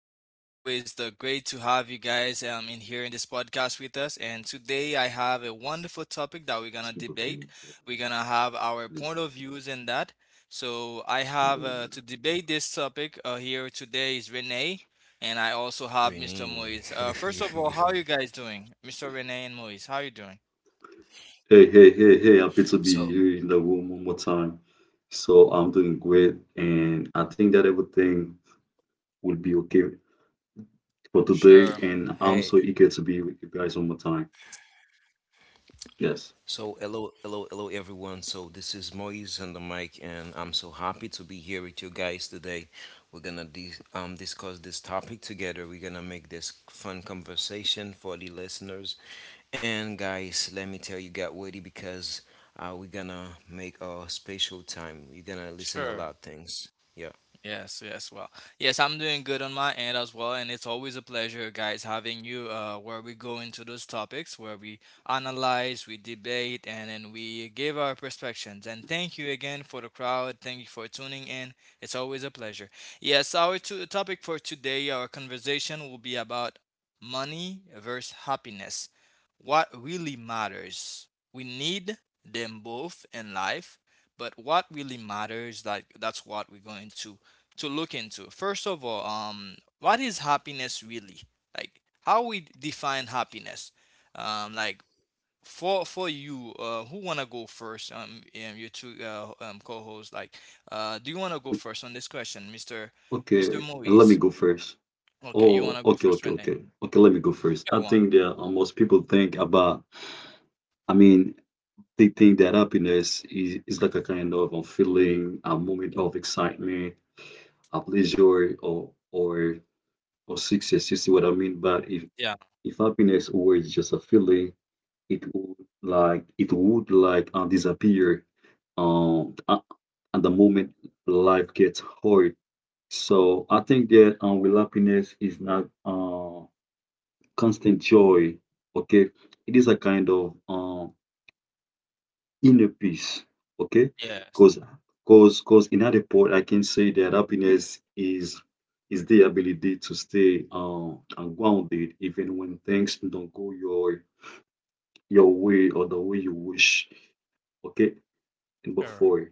time. It's always the great to have you guys in here in this podcast with us. And today I have a wonderful topic that we're gonna Most people debate. think that We're gonna have our police point of views in that. So I have feel. To debate this topic here today is Renee, and I also have Mr. Renee. Moise. First of all, how are you guys doing, Mr. Renee and Moise? How are you doing? Hey, hey, hey, hey, happy to be so here in the room one more time. So I'm doing great and I think that everything will be okay for today, Sure, and hey, I'm so eager to be with you guys one more time. Yes. so hello, hello, hello, everyone. So this is Moise on the mic, and I'm so happy to be here with you guys today. We're gonna discuss this topic together. We're gonna make this fun conversation for the listeners. And guys, let me tell you, get ready because we're gonna make a special time. You're gonna listen a lot sure. of things. Yeah. Yes, yes, well, yes, I'm doing good on my end as well, and it's always a pleasure, guys, having you. Where we go into those topics, where we analyze, we debate, and then we give our perspectives. And thank you again for the crowd. Thank you for tuning in. It's always a pleasure. Yes, our topic for today, our conversation will be about money versus happiness. What really matters? We need them both in life, but what really matters? Like that's what we're going to look into. First of all, what is happiness really? Like how we define happiness? Like for you, who wanna go first? Your two co-hosts. Like, do you wanna go O- first on this question, Mister Okay, and let me Moise? go first. Okay, you Oh, wanna go okay, first, okay, Renee? okay. Okay, let me go first. Your I one. think that most people think about, I mean, they think that happiness is like a kind of a feeling, a moment of excitement, a pleasure or success. You see what I mean? But if Yeah. if happiness were just a feeling, it would disappear um a- at the moment life gets hard. So I think that real happiness is not constant joy. Okay, it is a kind of inner peace. Okay, Yes. because because in that report, I can say that happiness is the ability to stay grounded even when things don't go your way or the way you wish. Okay, and Sure. before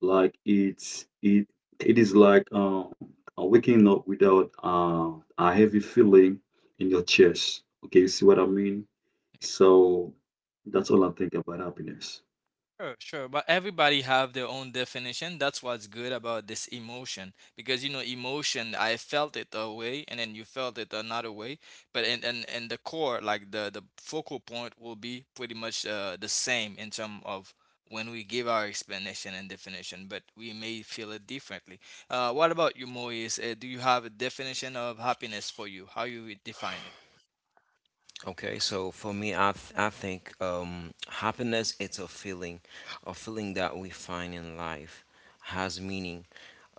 like it's it it is like waking up without a heavy feeling in your chest. Okay, you see what I mean? So that's all I think about happiness. Sure, sure, but everybody have their own definition. That's what's good about this emotion because you know emotion. I felt it a way, and then you felt it another way. But in the core, like the focal point, will be pretty much the same in terms of when we give our explanation and definition. But we may feel it differently. What about you, Moise? Do you have a definition of happiness for you? How you would define it? Okay, so for me, I think happiness it's a feeling that we find in life has meaning.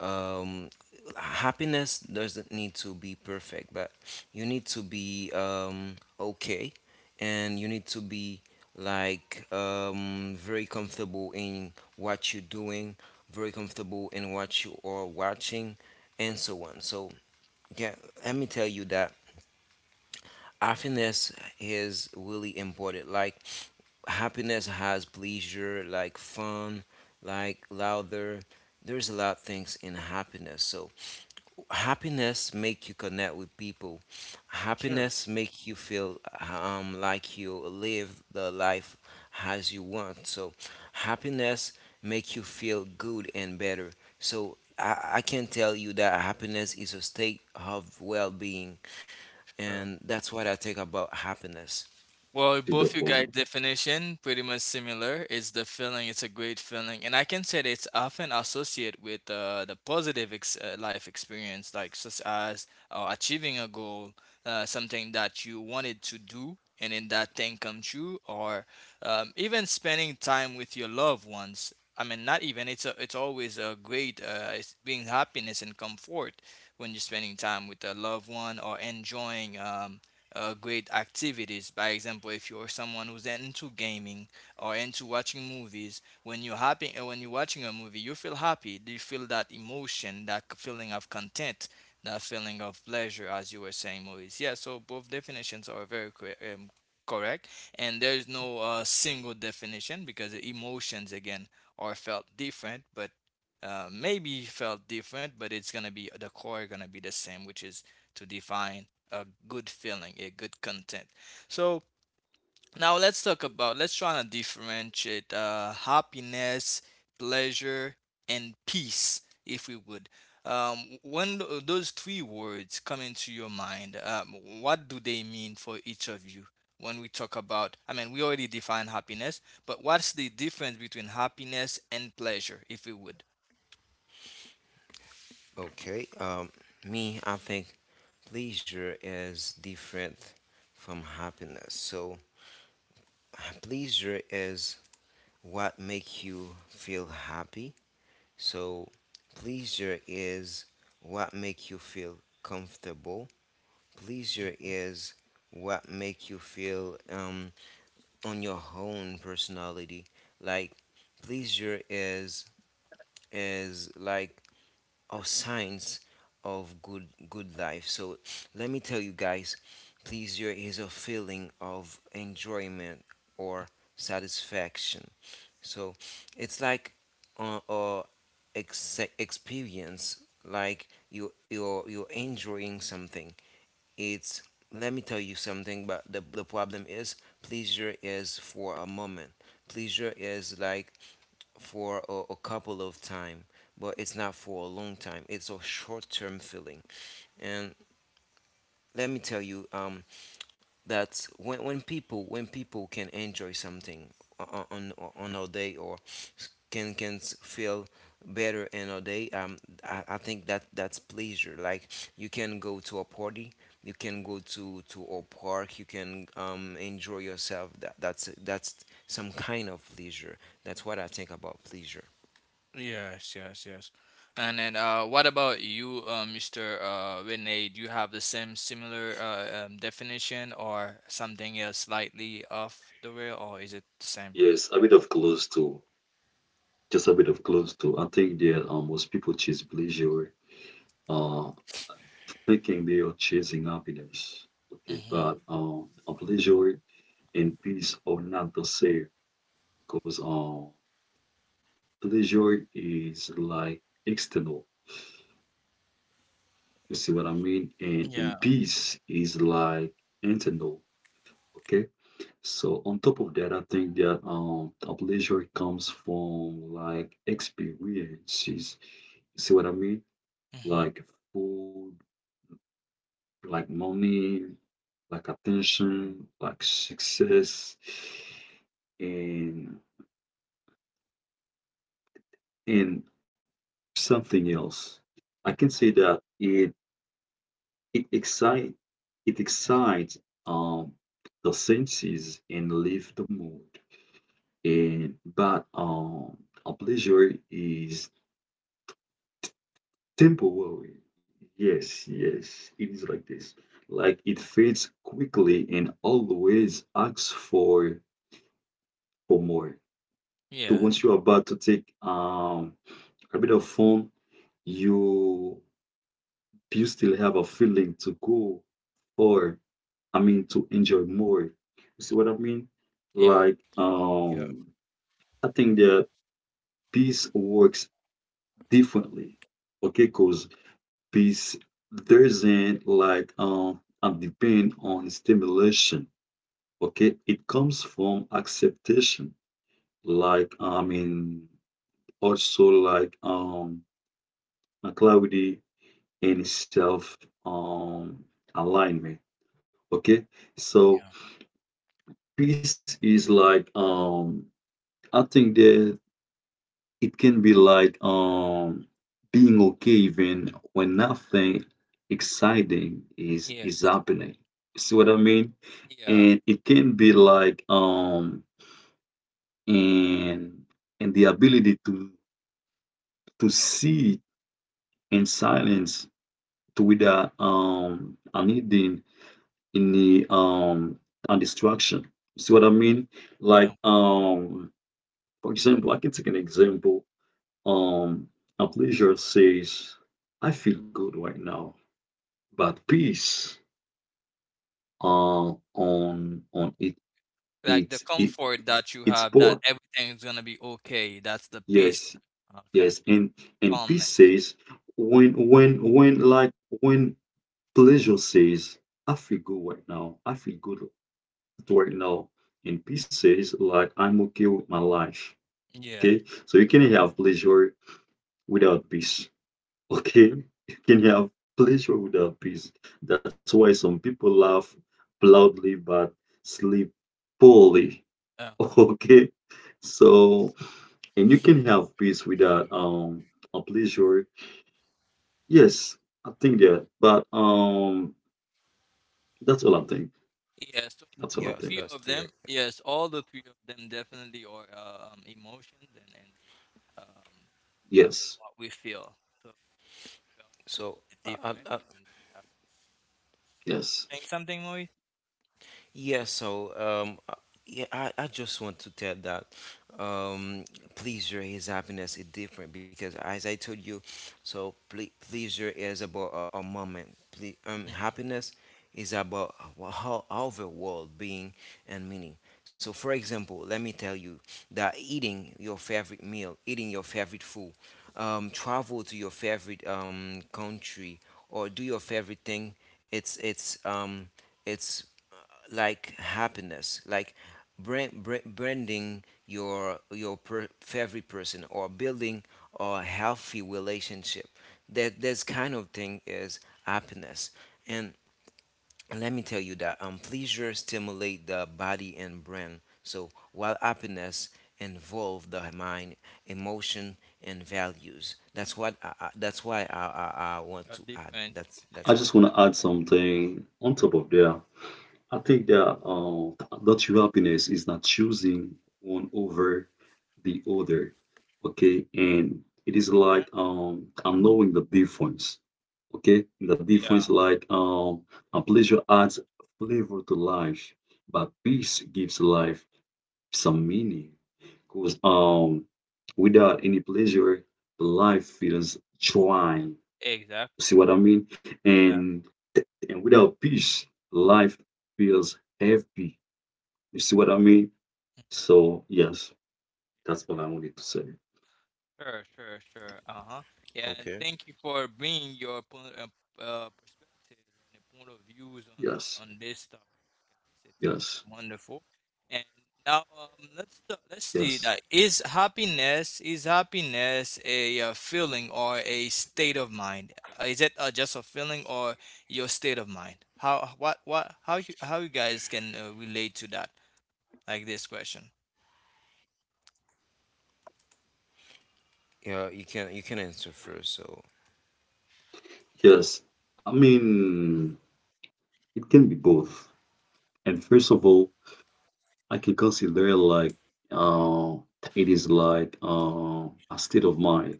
Um, happiness doesn't need to be perfect, but you need to be okay, and you need to be like very comfortable in what you're doing, very comfortable in what you are watching, and so on. So yeah, let me tell you that happiness is really important. Like happiness has pleasure, like fun, like louder. There's a lot of things in happiness. So happiness make you connect with people Sure, happiness make you feel like you live the life as you want so happiness make you feel good and better so I can tell you that happiness is a state of well-being sure. and that's what I think about happiness. Well, To both the you guys' point. definition pretty much similar. It's the feeling. It's a great feeling, and I can say that it's often associated with the positive life experience, like such as achieving a goal, something that you wanted to do, and then that thing come true, or even spending time with your loved ones. I mean, not even it's always a great it's being happiness and comfort when you're spending time with a loved one or enjoying. Great activities. By example, if you're someone who's into gaming or into watching movies, when you're happy, when you're watching a movie, you feel happy. You feel that emotion, that feeling of content, that feeling of pleasure, as you were saying, Maurice. Yeah. So both definitions are very correct, and there's no single definition because the emotions again are felt different, but maybe felt different, but it's gonna be the core gonna be the same, which is to define a good feeling, a good content. So now let's talk about let's try to differentiate happiness, pleasure, and peace, if we would. When those three words come into your mind, what do they mean for each of you? When we talk about, I mean, we already define happiness, but what's the difference between happiness and pleasure, if we would? Okay, me I think pleasure is different from happiness so pleasure is what make you feel happy. So pleasure is what make you feel comfortable. Pleasure is what make you feel on your own personality. Like pleasure is like a signs of good life. So let me tell you guys, pleasure is a feeling of enjoyment or satisfaction. So it's like uh, uh, experience, like you're enjoying something. It's let me tell you something, but the problem is pleasure is for a moment. Pleasure is like for a couple of time, but it's not for a long time. It's a short term feeling. And let me tell you, that when people can enjoy something on our day or feel better in our day, I think that that's pleasure like you can go to a party you can go to a park you can enjoy yourself that's that's some kind of pleasure. That's what I think about pleasure. Yes, yes, yes. And then, what about you, Mr. Rene? Do you have the same similar definition or something else slightly off the rail, or is it the same? Yes, a bit of close to, just a bit of close to. I think that most people chase pleasure, uh, thinking they are chasing happiness. Okay, Mm-hmm. but a pleasure and peace are not the same, because pleasure is like external. You see what I mean? And Yeah. peace is like internal. Okay, so on top of that, I think that a pleasure comes from like experiences. See what I mean? Mm-hmm. Like food, like money, like attention, like success, and and something else. I can say that it excite it Mm-hmm. excites um the senses and lift the mood. And but A pleasure is temporary. Yes, yes, it is like this. Like it fades quickly and always asks for more. So Yes. once you're about to take a bit of fun, you you still have a feeling to go or I mean to enjoy more. You see Mm. what I mean? Yeah. Like Yeah. um, I think that peace works differently. Okay, cause peace does isn't like a depend on stimulation. Okay, it comes from acceptation. Like I mean, also like and clarity and self um alignment. Okay. So Yeah. peace is like I think that it can be like being okay even when nothing exciting is Yeah. is happening. See what I mean? Yeah. And it can be like and and the ability to see in silence to without needing. In the a distraction. See what I mean? Like Yeah. um for example, I can take an example. Um a pleasure says, I feel good right now, but peace on it Like it the it comfort that you it's have, that poor. everything's gonna be okay. That's the peace. Yes, Okay. yes, and peace Calmness. says when pleasure says I feel good right now, right now, and peace says like I'm okay with my life. Yes. Okay, so you can have pleasure without peace. Okay, you can have pleasure without peace. That's why some people laugh loudly but sleep poorly. Uh huh. Okay, so and you can have peace without a pleasure. Yes, I think that but that's all I think. Yes, so that's all i Yes, think three that's of them. clear. Yes, all the three of them definitely are emotions and yeah, yes, what we feel. So we felt so it I, different, I, I and we have a different. You yes, were saying something, Moise? yeah, so yeah, I just want to tell that um, pleasure is happiness is different because as I told you, so pleasure is about a moment. Mm-hmm. Happiness is about how the world being and meaning. So, for example, let me tell you that eating your favorite meal, eating your favorite food, travel to your favorite country, or do your favorite thing. It's it's um, it's uh, like happiness like branding your favorite person or building a healthy relationship that this kind of thing is happiness and let me tell you that pleasure stimulate the body and brain so while happiness involve the mind emotion and values. That's what that's why I A want to add. different, that's I that's yeah, just all. want a- to add something on top of there. I think that that true happiness is not choosing one over the other, okay? And it is huh? like I'm knowing the difference, okay? The Yeah, difference, like a pleasure adds flavor to life, but peace gives life some meaning. Mhm. Because without any pleasure, life feels dry. Exactly, See what I mean? exactly. And and without peace, life feels heavy. You see what I mean? So yes, that's what I wanted to say. Sure, sure, sure. Uh-huh. Yeah, and Okay. thank you for bringing your point, perspectives and the point of views Yes, on this topic, guys. Yes, It's wonderful. And now, let's let's see. yes, That is happiness. Is happiness a, feeling or a state of mind? Is it just a feeling or your state of mind? How what how you guys can relate to that? Like this question. Yeah, you can answer first. So yes. I mean, it can be both. And first of all, I can consider like uh, it is like a state of mind.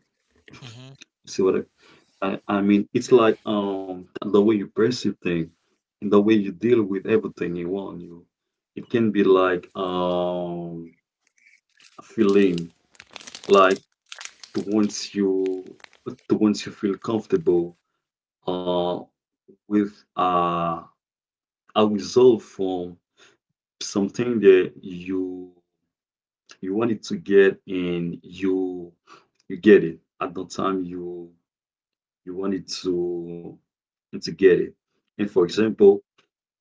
Mm-hmm. You see what I mean, it's like the way you perceive things and the way you deal with everything you want you. It can be like a feeling like to once you to once you feel comfortable uh with uh a result from something that you wanted to get and you get it at the time you wanted to get it. And for example,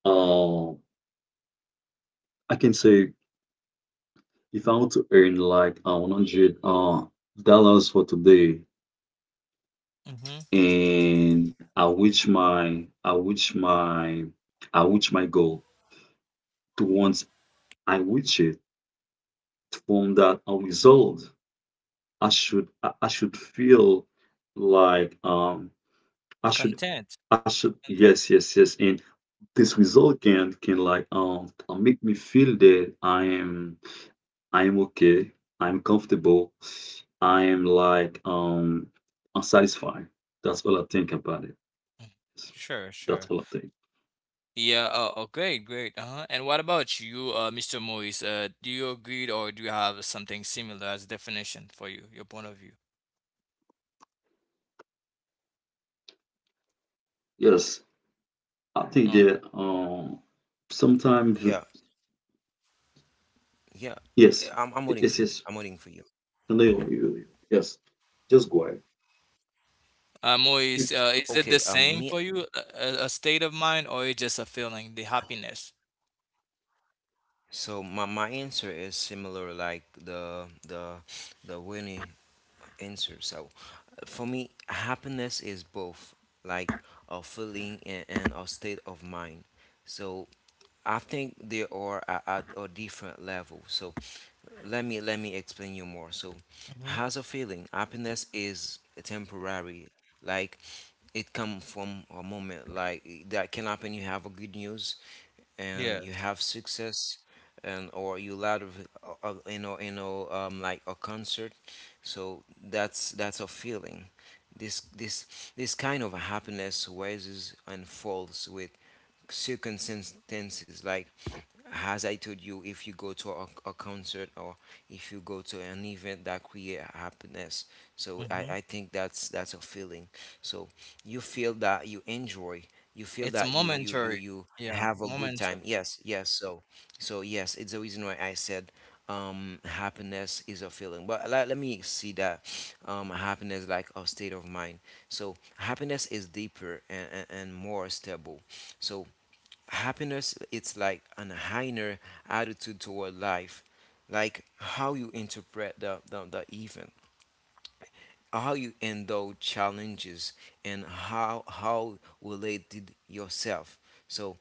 um I can say if I want to earn like $100 for today, Mm-hmm. and I reach my goal. To once I reach it, from that a result, I should feel like I should Content. I should Content. yes yes yes, and this result can like make me feel that I'm okay. I'm comfortable. I'm like unsatisfied. That's all I think about it. Mm. Sure, That's sure. all I think. Yeah, oh, great, great. Uh-huh. And what about you, Mr. Moise? Do you agree or do you have something similar as definition for you, your point of view? Yes, I think Uh, that sometimes yeah, yeah, yeah. yes, I'm waiting it's for you. just I'm waiting for you. no, you, yes. Just go ahead. You- Moise, is it the Okay. Same Me. for you, a state of mind, or is just a feeling, the happiness? So my answer is similar like the Winnie answer. So for me, happiness is both like a feeling and a state of mind. So I think there are at a different level. So let me explain you more. So, Mm-hmm. has a feeling happiness is temporary. Like it come from a moment. Like that can happen. You have a good news, and you Yes. have success, and or you lot of like a concert. So that's a feeling. This kind of happiness rises and falls with circumstances like as I told you, if you go to a concert or if you go to an event that create happiness, so Mm-hmm. I think that's a feeling. So you feel that you enjoy, you feel It's a that you momentary. you Yeah, have a good time. momentary. Yes, yes. So so yes, it's the reason why I said happiness is a feeling. But let me see that happiness like a state of mind. So happiness is deeper and more stable. So happiness it's like an higher attitude toward life like how you interpret the event, how you handle challenges and how related yourself so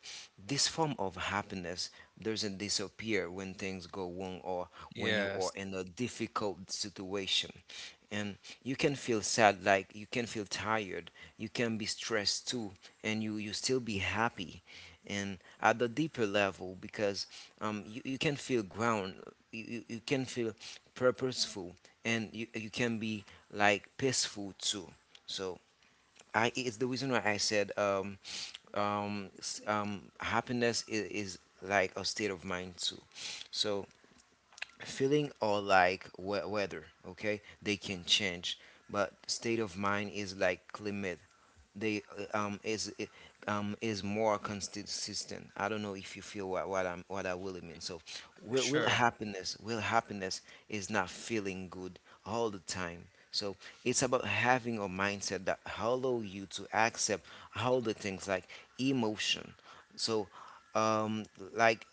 this form of happiness doesn't disappear when things go wrong or when you are Yes, in a difficult situation and you can feel sad like you can feel tired you can be stressed too and you still be happy and at the deeper level because you, you can feel ground, you can feel purposeful and you can be like peaceful too so I it's the reason why I said happiness is like a state of mind too. So feeling or like weather okay they can change but state of mind is like climate. They is more consistent. I don't know if you feel what I'm what I really mean. So will, will sure. happiness will happiness is not feeling good all the time. So it's about having a mindset that allow you to accept all the things like emotion. So um like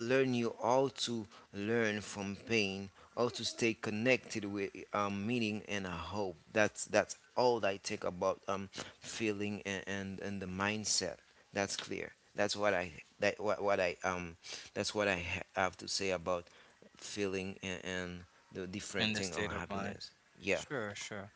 learn you how to learn from pain, how to stay connected with meaning and a hope. That's all I think about feeling and the mindset. That's clear. That's what I that what I that's what I have to say about feeling and the different In the thing of state of mind. happiness. Yeah, Sure, sure.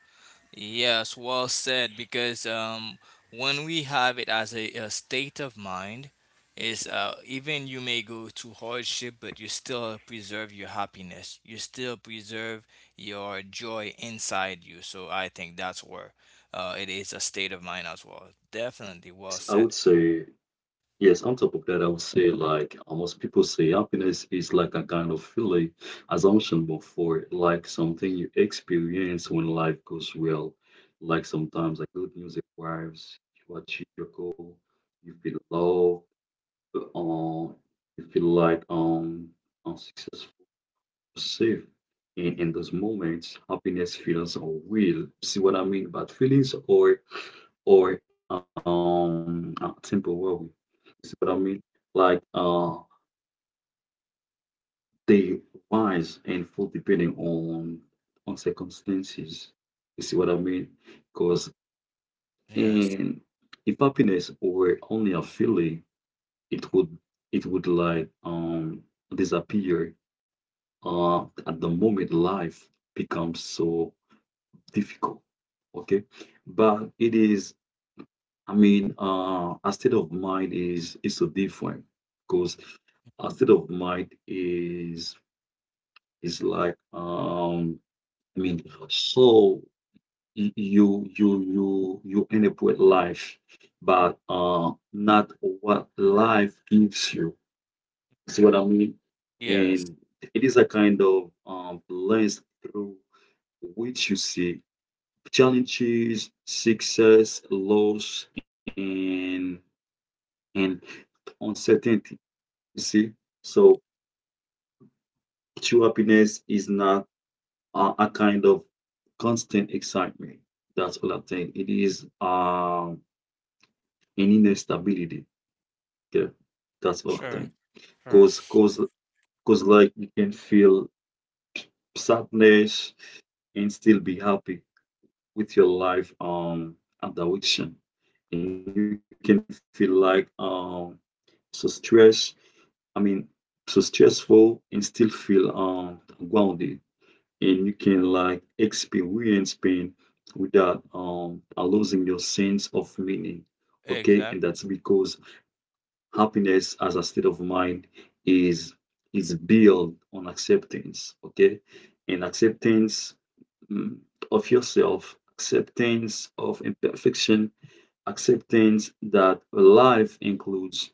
Yes, well said. Because when we have it as a state of mind, is even you may go through hardship, but you still preserve your happiness. You still preserve your joy inside you. So I think that's where it is a state of mind as well. Definitely, well yes, I said. would say. Yes, on top of that, I would say like almost people say happiness is like a kind of feeling assumption before like something you experience when life goes well. Like sometimes like good news arrives, you achieve your goal, you feel loved, um, you feel like unsuccessful, safe. In those moments, happiness feels or real. See what I mean? But feelings or temporary. See what I mean? like uh They rise and fall depending on circumstances. You see what I mean? Because Yes. and If happiness were only a feeling, it would it would like disappear uh at the moment life becomes so difficult. Okay. But it is I mean a state of mind is so different because a state of mind is like I mean, so you you end up with life, but not what life gives you. See what I mean? Yes. And it is a Yeah. kind of lens through which you see challenges, success, loss, and uncertainty. You see, so true happiness is not a kind of constant excitement. That's what I think. It is. Any instability. Okay. That's what I Sure. think. Sure. Cause, cause, cause, like you can feel sadness and still be happy with your life and addiction, and you can feel like so stress. I mean, so stressful and still feel grounded, and you can like experience pain without losing your sense of meaning. Okay, and Exactly. that's because happiness as a state of mind is is built on acceptance. Okay, and acceptance, mm, of yourself, acceptance of imperfection, acceptance that life includes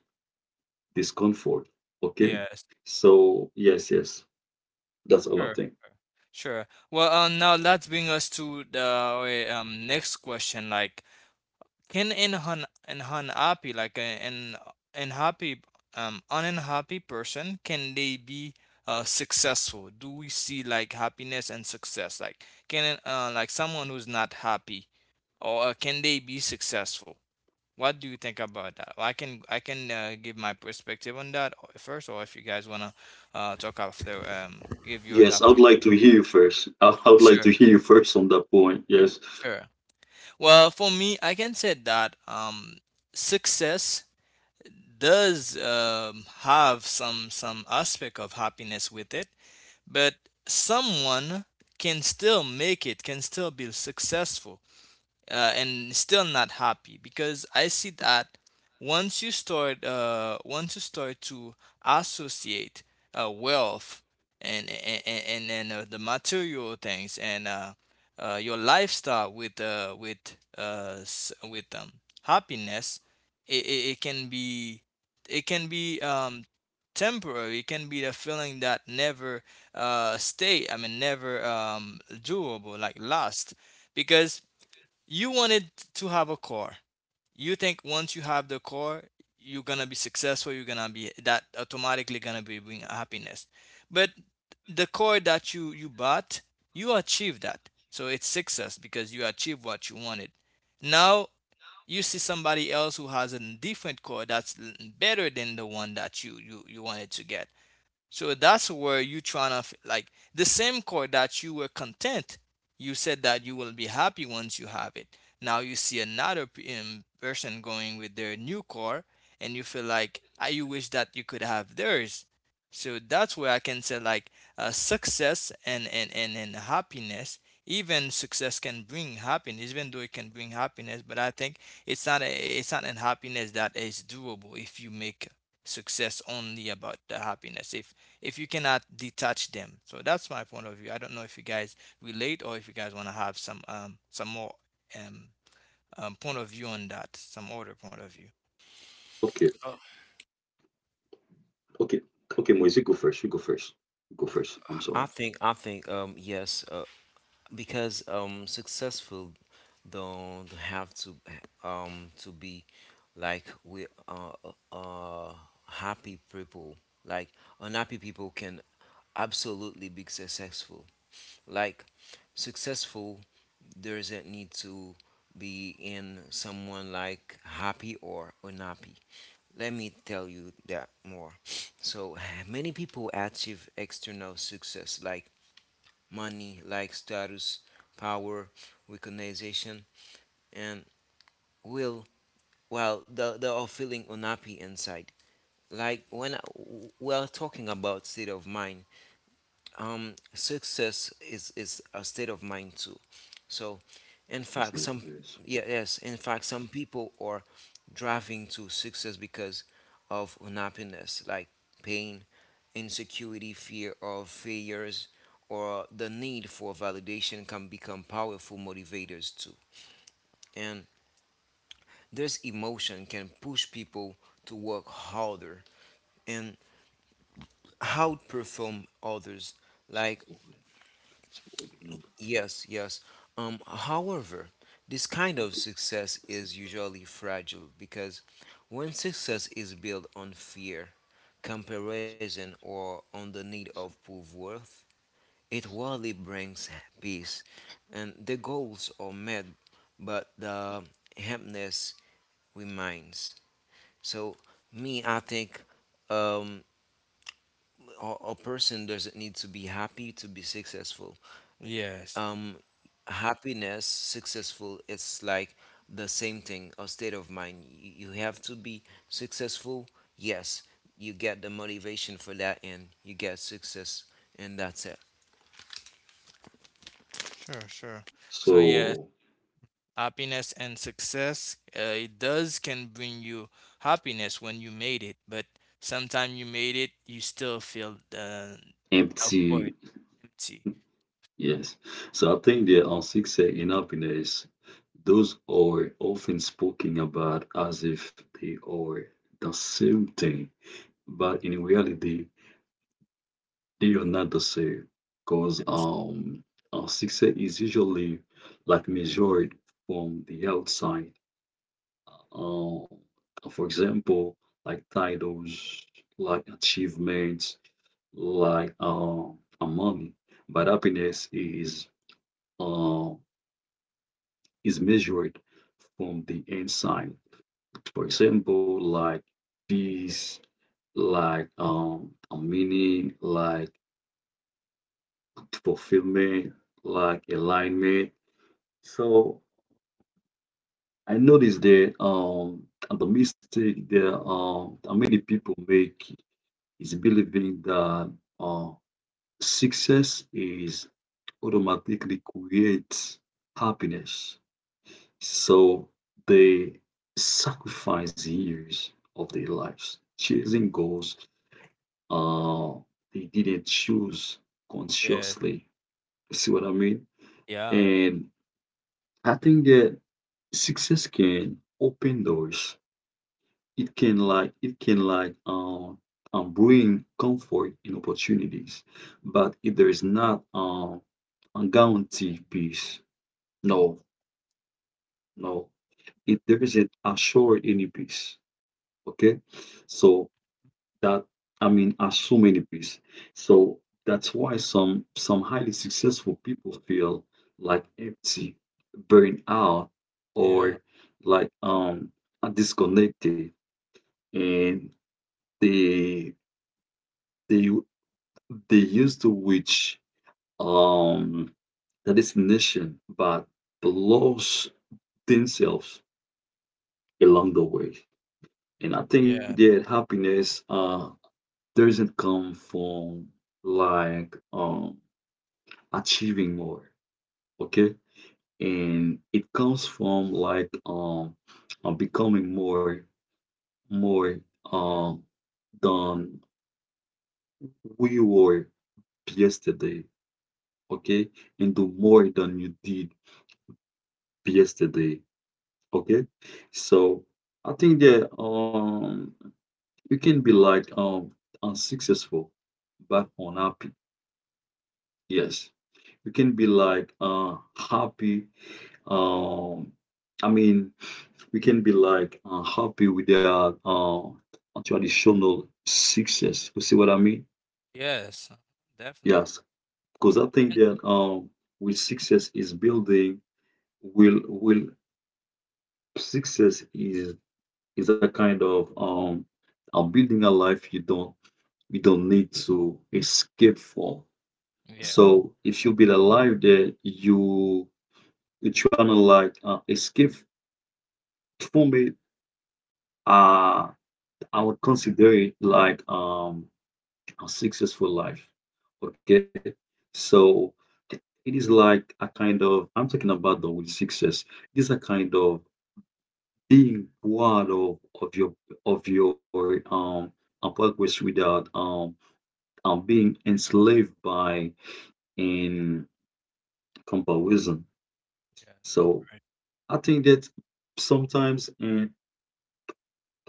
discomfort. Okay, Yes. so yes, yes, that's all I Sure. think. Sure. Well, now let's bring us to the our, next question. Like can an unhappy, like a- an unhappy, unhappy person, can they be successful? Do we see like happiness and success? Like can like someone who's not happy, or can they be successful? What do you think about that? I can give my perspective on that first, or if you guys wanna talk after, give yours Yes, I would after. like to hear you first. I would like to Sure, hear you first on that point. Yes, sure. Well, for me, I can say that success does have some aspect of happiness with it but someone can still make it can still be successful and still not happy because I see that once you start to associate wealth and the material things and your lifestyle with happiness it, it, it can be it can be temporary it can be the feeling that never stay I mean never durable like last because you wanted to have a car you think once you have the car you're gonna be successful you're gonna be that automatically gonna be bring happiness but the car that you bought you achieved that so it's success because you achieved what you wanted now you see somebody else who has a different car that's better than the one that you wanted to get so that's where you trying to like the same chord that you were content. You said that you will be happy once you have it. Now you see another person going with their new core, and you feel like I you wish that you could have theirs. So that's where I can say like success and happiness. Even success can bring happiness, even though it can bring happiness. But I think it's not a, it's not an happiness that is doable if you make success only about the happiness. If you cannot detach them. So that's my point of view. I don't know if you guys relate or if you guys want to have some more um, point of view on that, some other point of view. okay okay okay, Moise, you go first You go first, I'm sorry. I think yes, because successful don't have to be like we are happy people, like unhappy people can absolutely be successful. Like successful doesn't need to be in someone like happy or unhappy. Let me tell you that more. So many people achieve external success like money, like status, power, recognition, and will, while they are feeling unhappy inside. Like when we are talking about state of mind, success is a state of mind too. So, in fact, It's not, some yes. yeah, yes, in fact, some people are driving to success because of unhappiness, like pain, insecurity, fear of failures, or the need for validation can become powerful motivators too. And this emotion can push people to work harder and outperform others, like It's odd number. yes, yes. However, this kind of success is usually fragile because when success is built on fear, comparison, or on the need of proof worth, it rarely brings peace. And the goals are met, but the emptiness remains. So, me, I think um, a person doesn't need to be happy to be successful. Yes, um Happiness successful it's like the same thing or state of mind. You have to be successful, yes, you get the motivation for that and you get success and that's it. sure, sure. So yes, So happiness and success, it does can bring you happiness when you made it, but sometimes you made it, you still feel of empty, void, empty. yes. So I think the unsincere in happiness, those are often spoken about as if they are the same thing, but in reality, they are not the same. Because unsincere is usually like measured from the outside. Um, for example, like titles, like achievements, like a mummy, but happiness uh, is measured from the inside. For example, like peace, like a meaning, like fulfillment, like alignment. So I noticed that the mistake that many people make is believing that uh, success is automatically creates happiness. So they sacrificed years of their lives chasing goals uh, they didn't choose Yes, consciously. You see what I mean? yeah, And I think that success can open doors. It can bring comfort and opportunities, but if there is not a guarantee peace, no, no, it there isn't assured any peace. Okay, so that I mean are so many ways. So that's why some highly successful people feel like empty, burned out, yeah, or like disconnected, and they they they used to reach um the destination, but lost themselves along the way. And I think yeah, that happiness doesn't come from like achieving more. Okay, and it comes from like becoming more, more um than we were yesterday. Okay, and do more than you did yesterday. Okay, so I think that you can be like unsuccessful but unhappy. Yes, you can be like happy. um i mean we can be like happy with their traditional success. You see what I mean? yes, definitely. Yes, because I think that with success is building, will success is a kind of a building a life you don't need to escape from. Yeah. So if you build a life that you're trying to like escape from it, uh, I would consider it like a successful life. Okay, so it is like a kind of, I'm talking about the word success. It is a kind of being proud of your progress without being enslaved by in comparison. Yeah, it's So great. I think that sometimes and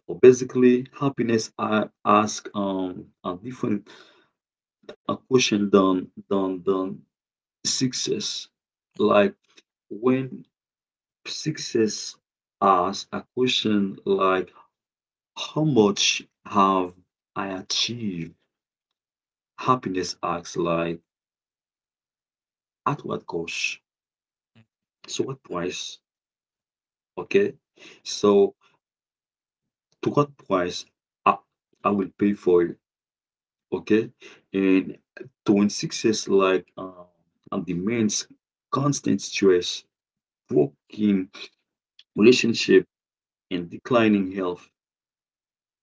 or basically happiness, I ask a different a question than success, Mhm, like, when success asks a question like, how much have I achieved? Happiness asks like, at what cost? mhm. So Yeah, what man, price? Okay. So to what price I, I will pay for it. Okay. And to when success like and demands constant stress, broken relationship and declining health,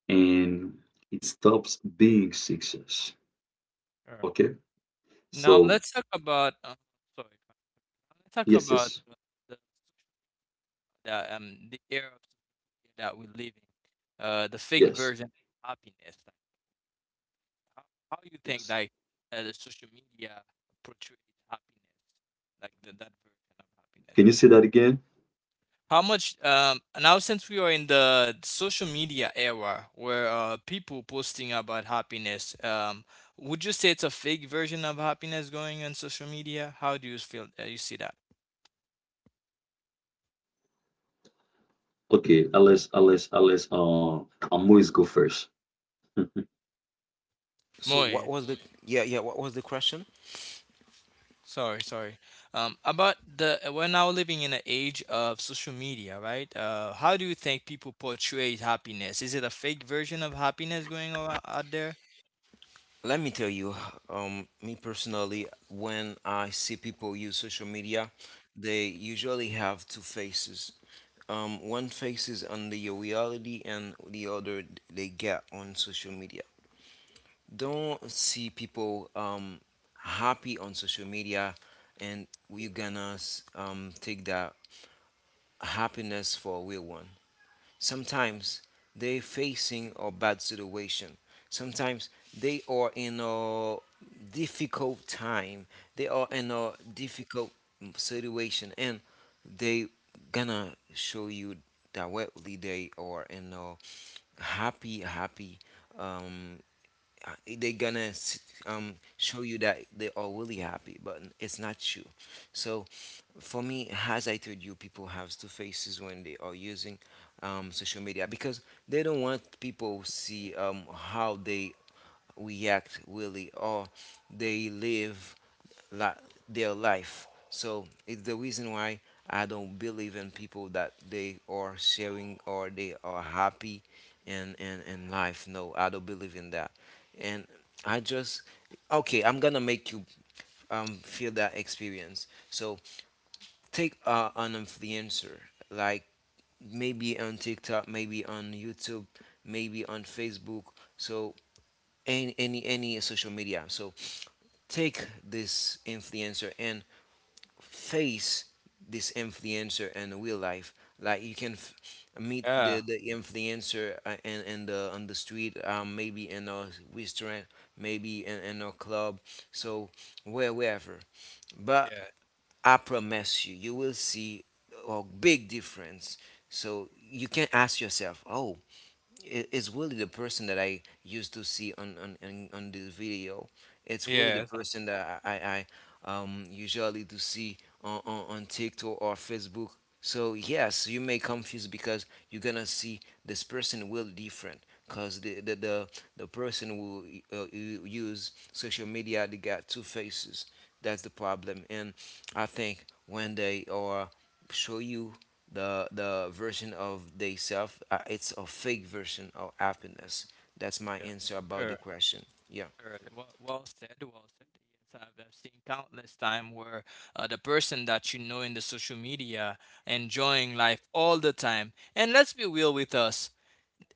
and it stops being success. sure. Okay. Now So let's talk about. Sorry, if I- let's talk yes, about yes, the that the era of social media that we're living. The fake yes, version of happiness. Like, how how you think yes. like the social media portrays happiness, like the, that version of happiness? Can you say that again? How much now since we are in the social media era where people posting about happiness, would you say it's a fake version of happiness going on social media? How do you feel you see that? Okay, Alice, Alice, Alice, Amoy's go first. So what Moist. was the yeah yeah what was the question? Sorry, sorry. About the we're now living in an age of social media, right? How do you think people portray happiness? Is it a fake version of happiness going on out there? Let me tell you, me personally, when I see people use social media they usually have two faces. One faces on the reality and the other they get on social media. Don't see people happy on social media and you are gonna take that happiness for a real one. Sometimes they're facing a bad situation, sometimes they are in a difficult time, they are in a difficult situation and they gonna show you directly they are in a happy happy um they're gonna show you that they are really happy, but it's not true. So, for me, as I told you, people have two faces when they are using social media because they don't want people see how they react really or they live la- their life. So it's the reason why I don't believe in people that they are sharing or they are happy in life. No, I don't believe in that. And I just, okay, I'm gonna make you feel that experience. So take an influencer, like maybe on TikTok, maybe on YouTube, maybe on Facebook. So any social media. So take this influencer and face this influencer in real life. Like you can meet Yeah, the influencer in the on the street, maybe in a restaurant, maybe in a club, so where wherever. But yeah, I promise you, you will see a big difference. So you can ask yourself, oh is really the person that I used to see on the video. It's really the yeah, It's person that I usually to see on TikTok or Facebook. So yes, you may confuse because you're gonna see this person will different because the the person will use social media. They got two faces. That's the problem, and I think when they are show you the version of they self it's a fake version of happiness. That's my yeah. answer about the Sure, question. Yeah. sure. Well, well said, well said. Yes, I've seen countless time where the person that you know in the social media enjoying life all the time. And let's be real with us.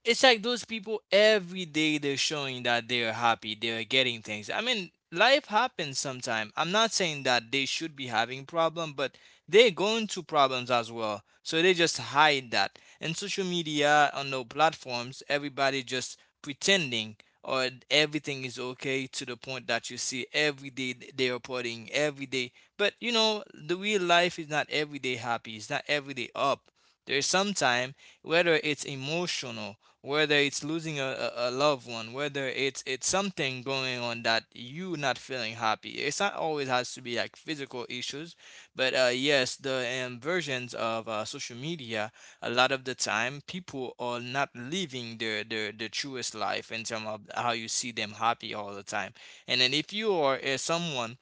It's like those people every day they're showing that they're happy, they're getting things. I mean, life happens sometimes. I'm not saying that they should be having problem, but they're going to problems as well. So they just hide that. And social media on the platforms, everybody just pretending or everything is okay to the point that you see every day they are partying every day. But you know, the real life is not every day happy. It's not every day up. There's some time whether it's emotional, whether it's losing a loved one, whether it's something going on that you not feeling happy. It's not always has to be like physical issues, but yes, the versions of social media, a lot of the time, people are not living their truest life in terms of how you see them happy all the time. And then if you are someone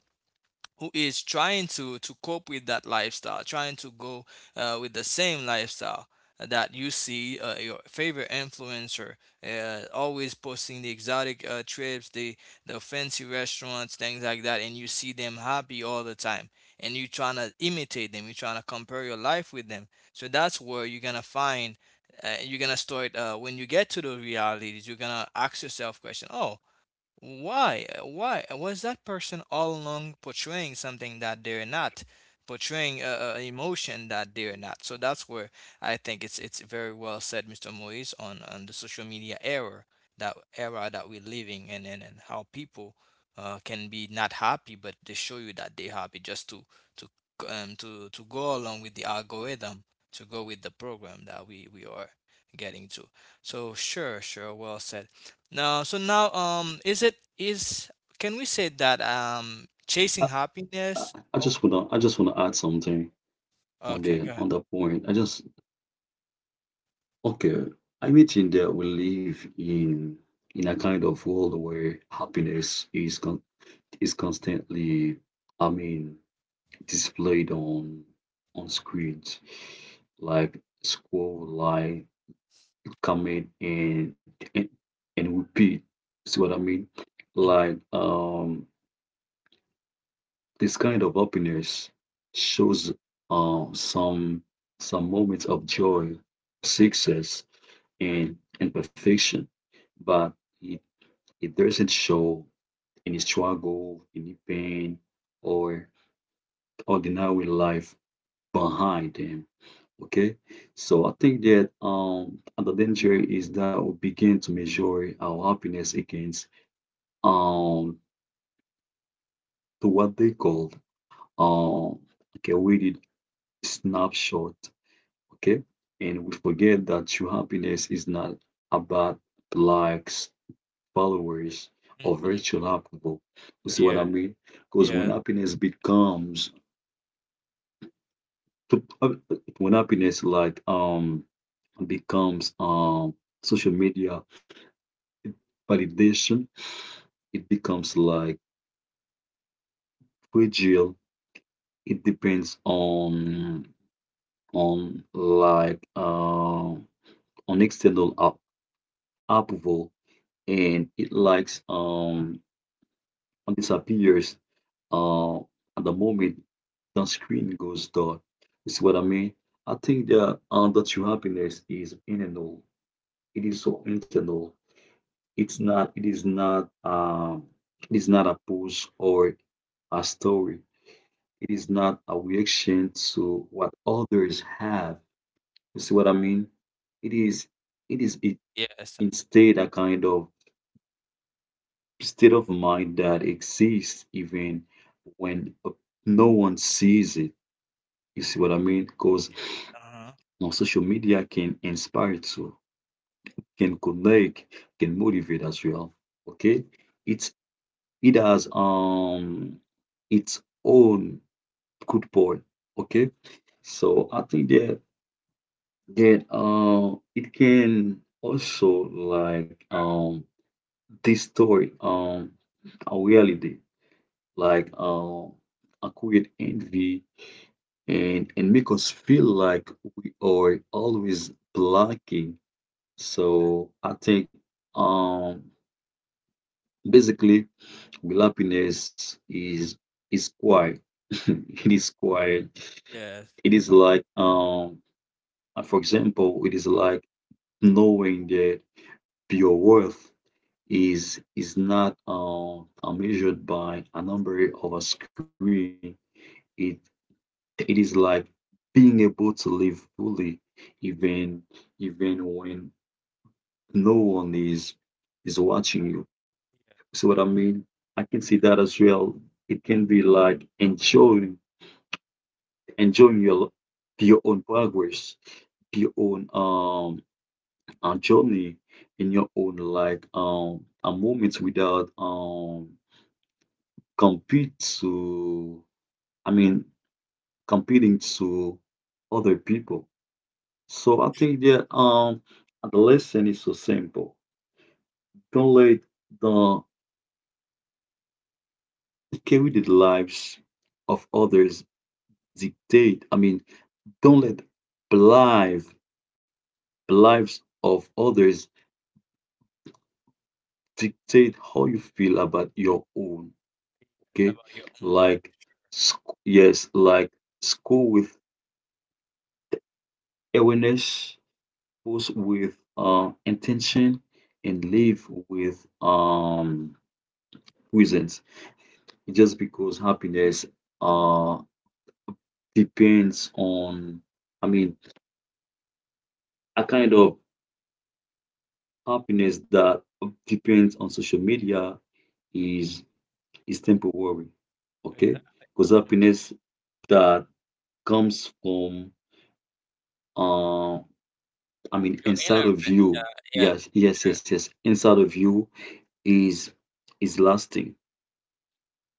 who is trying to cope with that lifestyle, trying to go with the same lifestyle that you see your favorite influencer always posting the exotic trips, the fancy restaurants, things like that, and you see them happy all the time, and you trying to imitate them, you trying to compare your life with them. So that's where you're gonna find. You're gonna start when you get to the realities. You're gonna ask yourself question. Oh, why? Why was that person all along portraying something that they're not, portraying a emotion that they're not? So that's where I think it's very well said, Mr. Moise, on the social media era that we're living in, and how people can be not happy, but they show you that they're happy just to to to go along with the algorithm, to go with the program that we are getting to. So sure, sure, well said. No, so now, is it is can we say that chasing I, I, happiness? I Oh, just wanna I just wanna add something on okay, the go ahead. on that point. I just okay. I imagine that we live in a kind of world where happiness is constantly, I mean, displayed on screens, like school life, come in and repeat. See what I mean? Mm-hmm. Like um this kind of happiness shows um some some moments of joy, success and perfection, but it, it doesn't show any struggle, any pain or ordinary life behind them. Okay? So I think that the danger is that we begin to measure our happiness against um to what they called, um okay, we did, snapshot, okay, and we forget that true happiness is not about likes, followers or Mm-hmm. virtual approval. You see what I Yeah, mean? Because when yeah, happiness becomes uh, when happiness becomes social media validation, it becomes like fragile. It depends on on like um on external approval, and it likes and disappears at the moment the screen goes dark. You see what I mean? I think that the true happiness is internal. It is so internal. It is not it is not a post or a story. It is not a reaction to what others have. You see what I mean? It is it is yes, instead a kind of state of mind that exists even when no one sees it. You see what I mean? Because yeah, uh-huh. social media can inspire too, can connect, can motivate as well. Okay, it's, it has its own good point. Okay, so I think that it can also distort our reality, like um, acquired envy, and make us feel like we are always blocking. So I think um basically real happiness is quiet. It is quiet. Yes, It is like For example, it is like knowing that your worth is not measured by a number of a screen. It It is like being able to live fully even even when no one is watching you. See what I mean? I can see that as well. It can be like enjoying your own progress, your own journey in your own a moment without compete to I mean competing to other people. So I think that the lesson is so simple. Don't let the carried lives of others dictate. I mean, don't let live lives of others dictate how you feel about your own. it's Okay, about your own life. like sc- yes, like school with awareness, post with intention, and live with reasons. Just because happiness uh depends on, I mean, a kind of happiness that depends on social media is is temporary. Okay? Exactly. Because happiness that comes from uh I mean Your inner, inside of yeah, you. yes, Yes, yes, inner yes, yes. Inside of you is is lasting.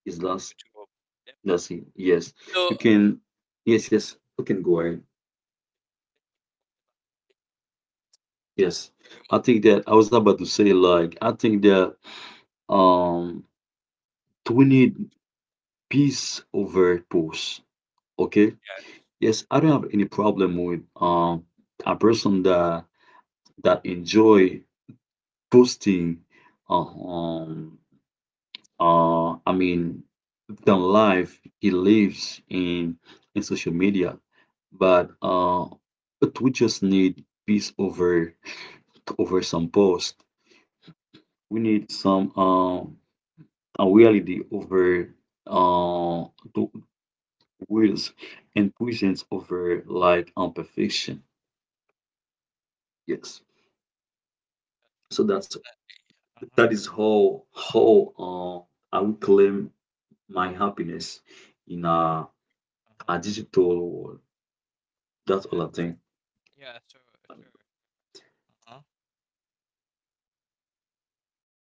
Is last ritual. Yeah. Lasting. Yes. So You can, yes, yes, you can go ahead. Yes, very much, I think that I was about to say, like, I think that um we need peace over push. Okay. yeah. Yes, I don't have any problem with a person that that enjoy posting uh, um I mean the life he lives in social media, but uh but we just need peace over over some post. We need some reality over uh, the wills, and presence over like imperfection. Yes. So Uh-huh, that is definitely. How I will Yeah. claim my happiness in Yeah, uh-huh. a digital world. That's all Yes, I think. yeah, sure, sure. Uh-huh.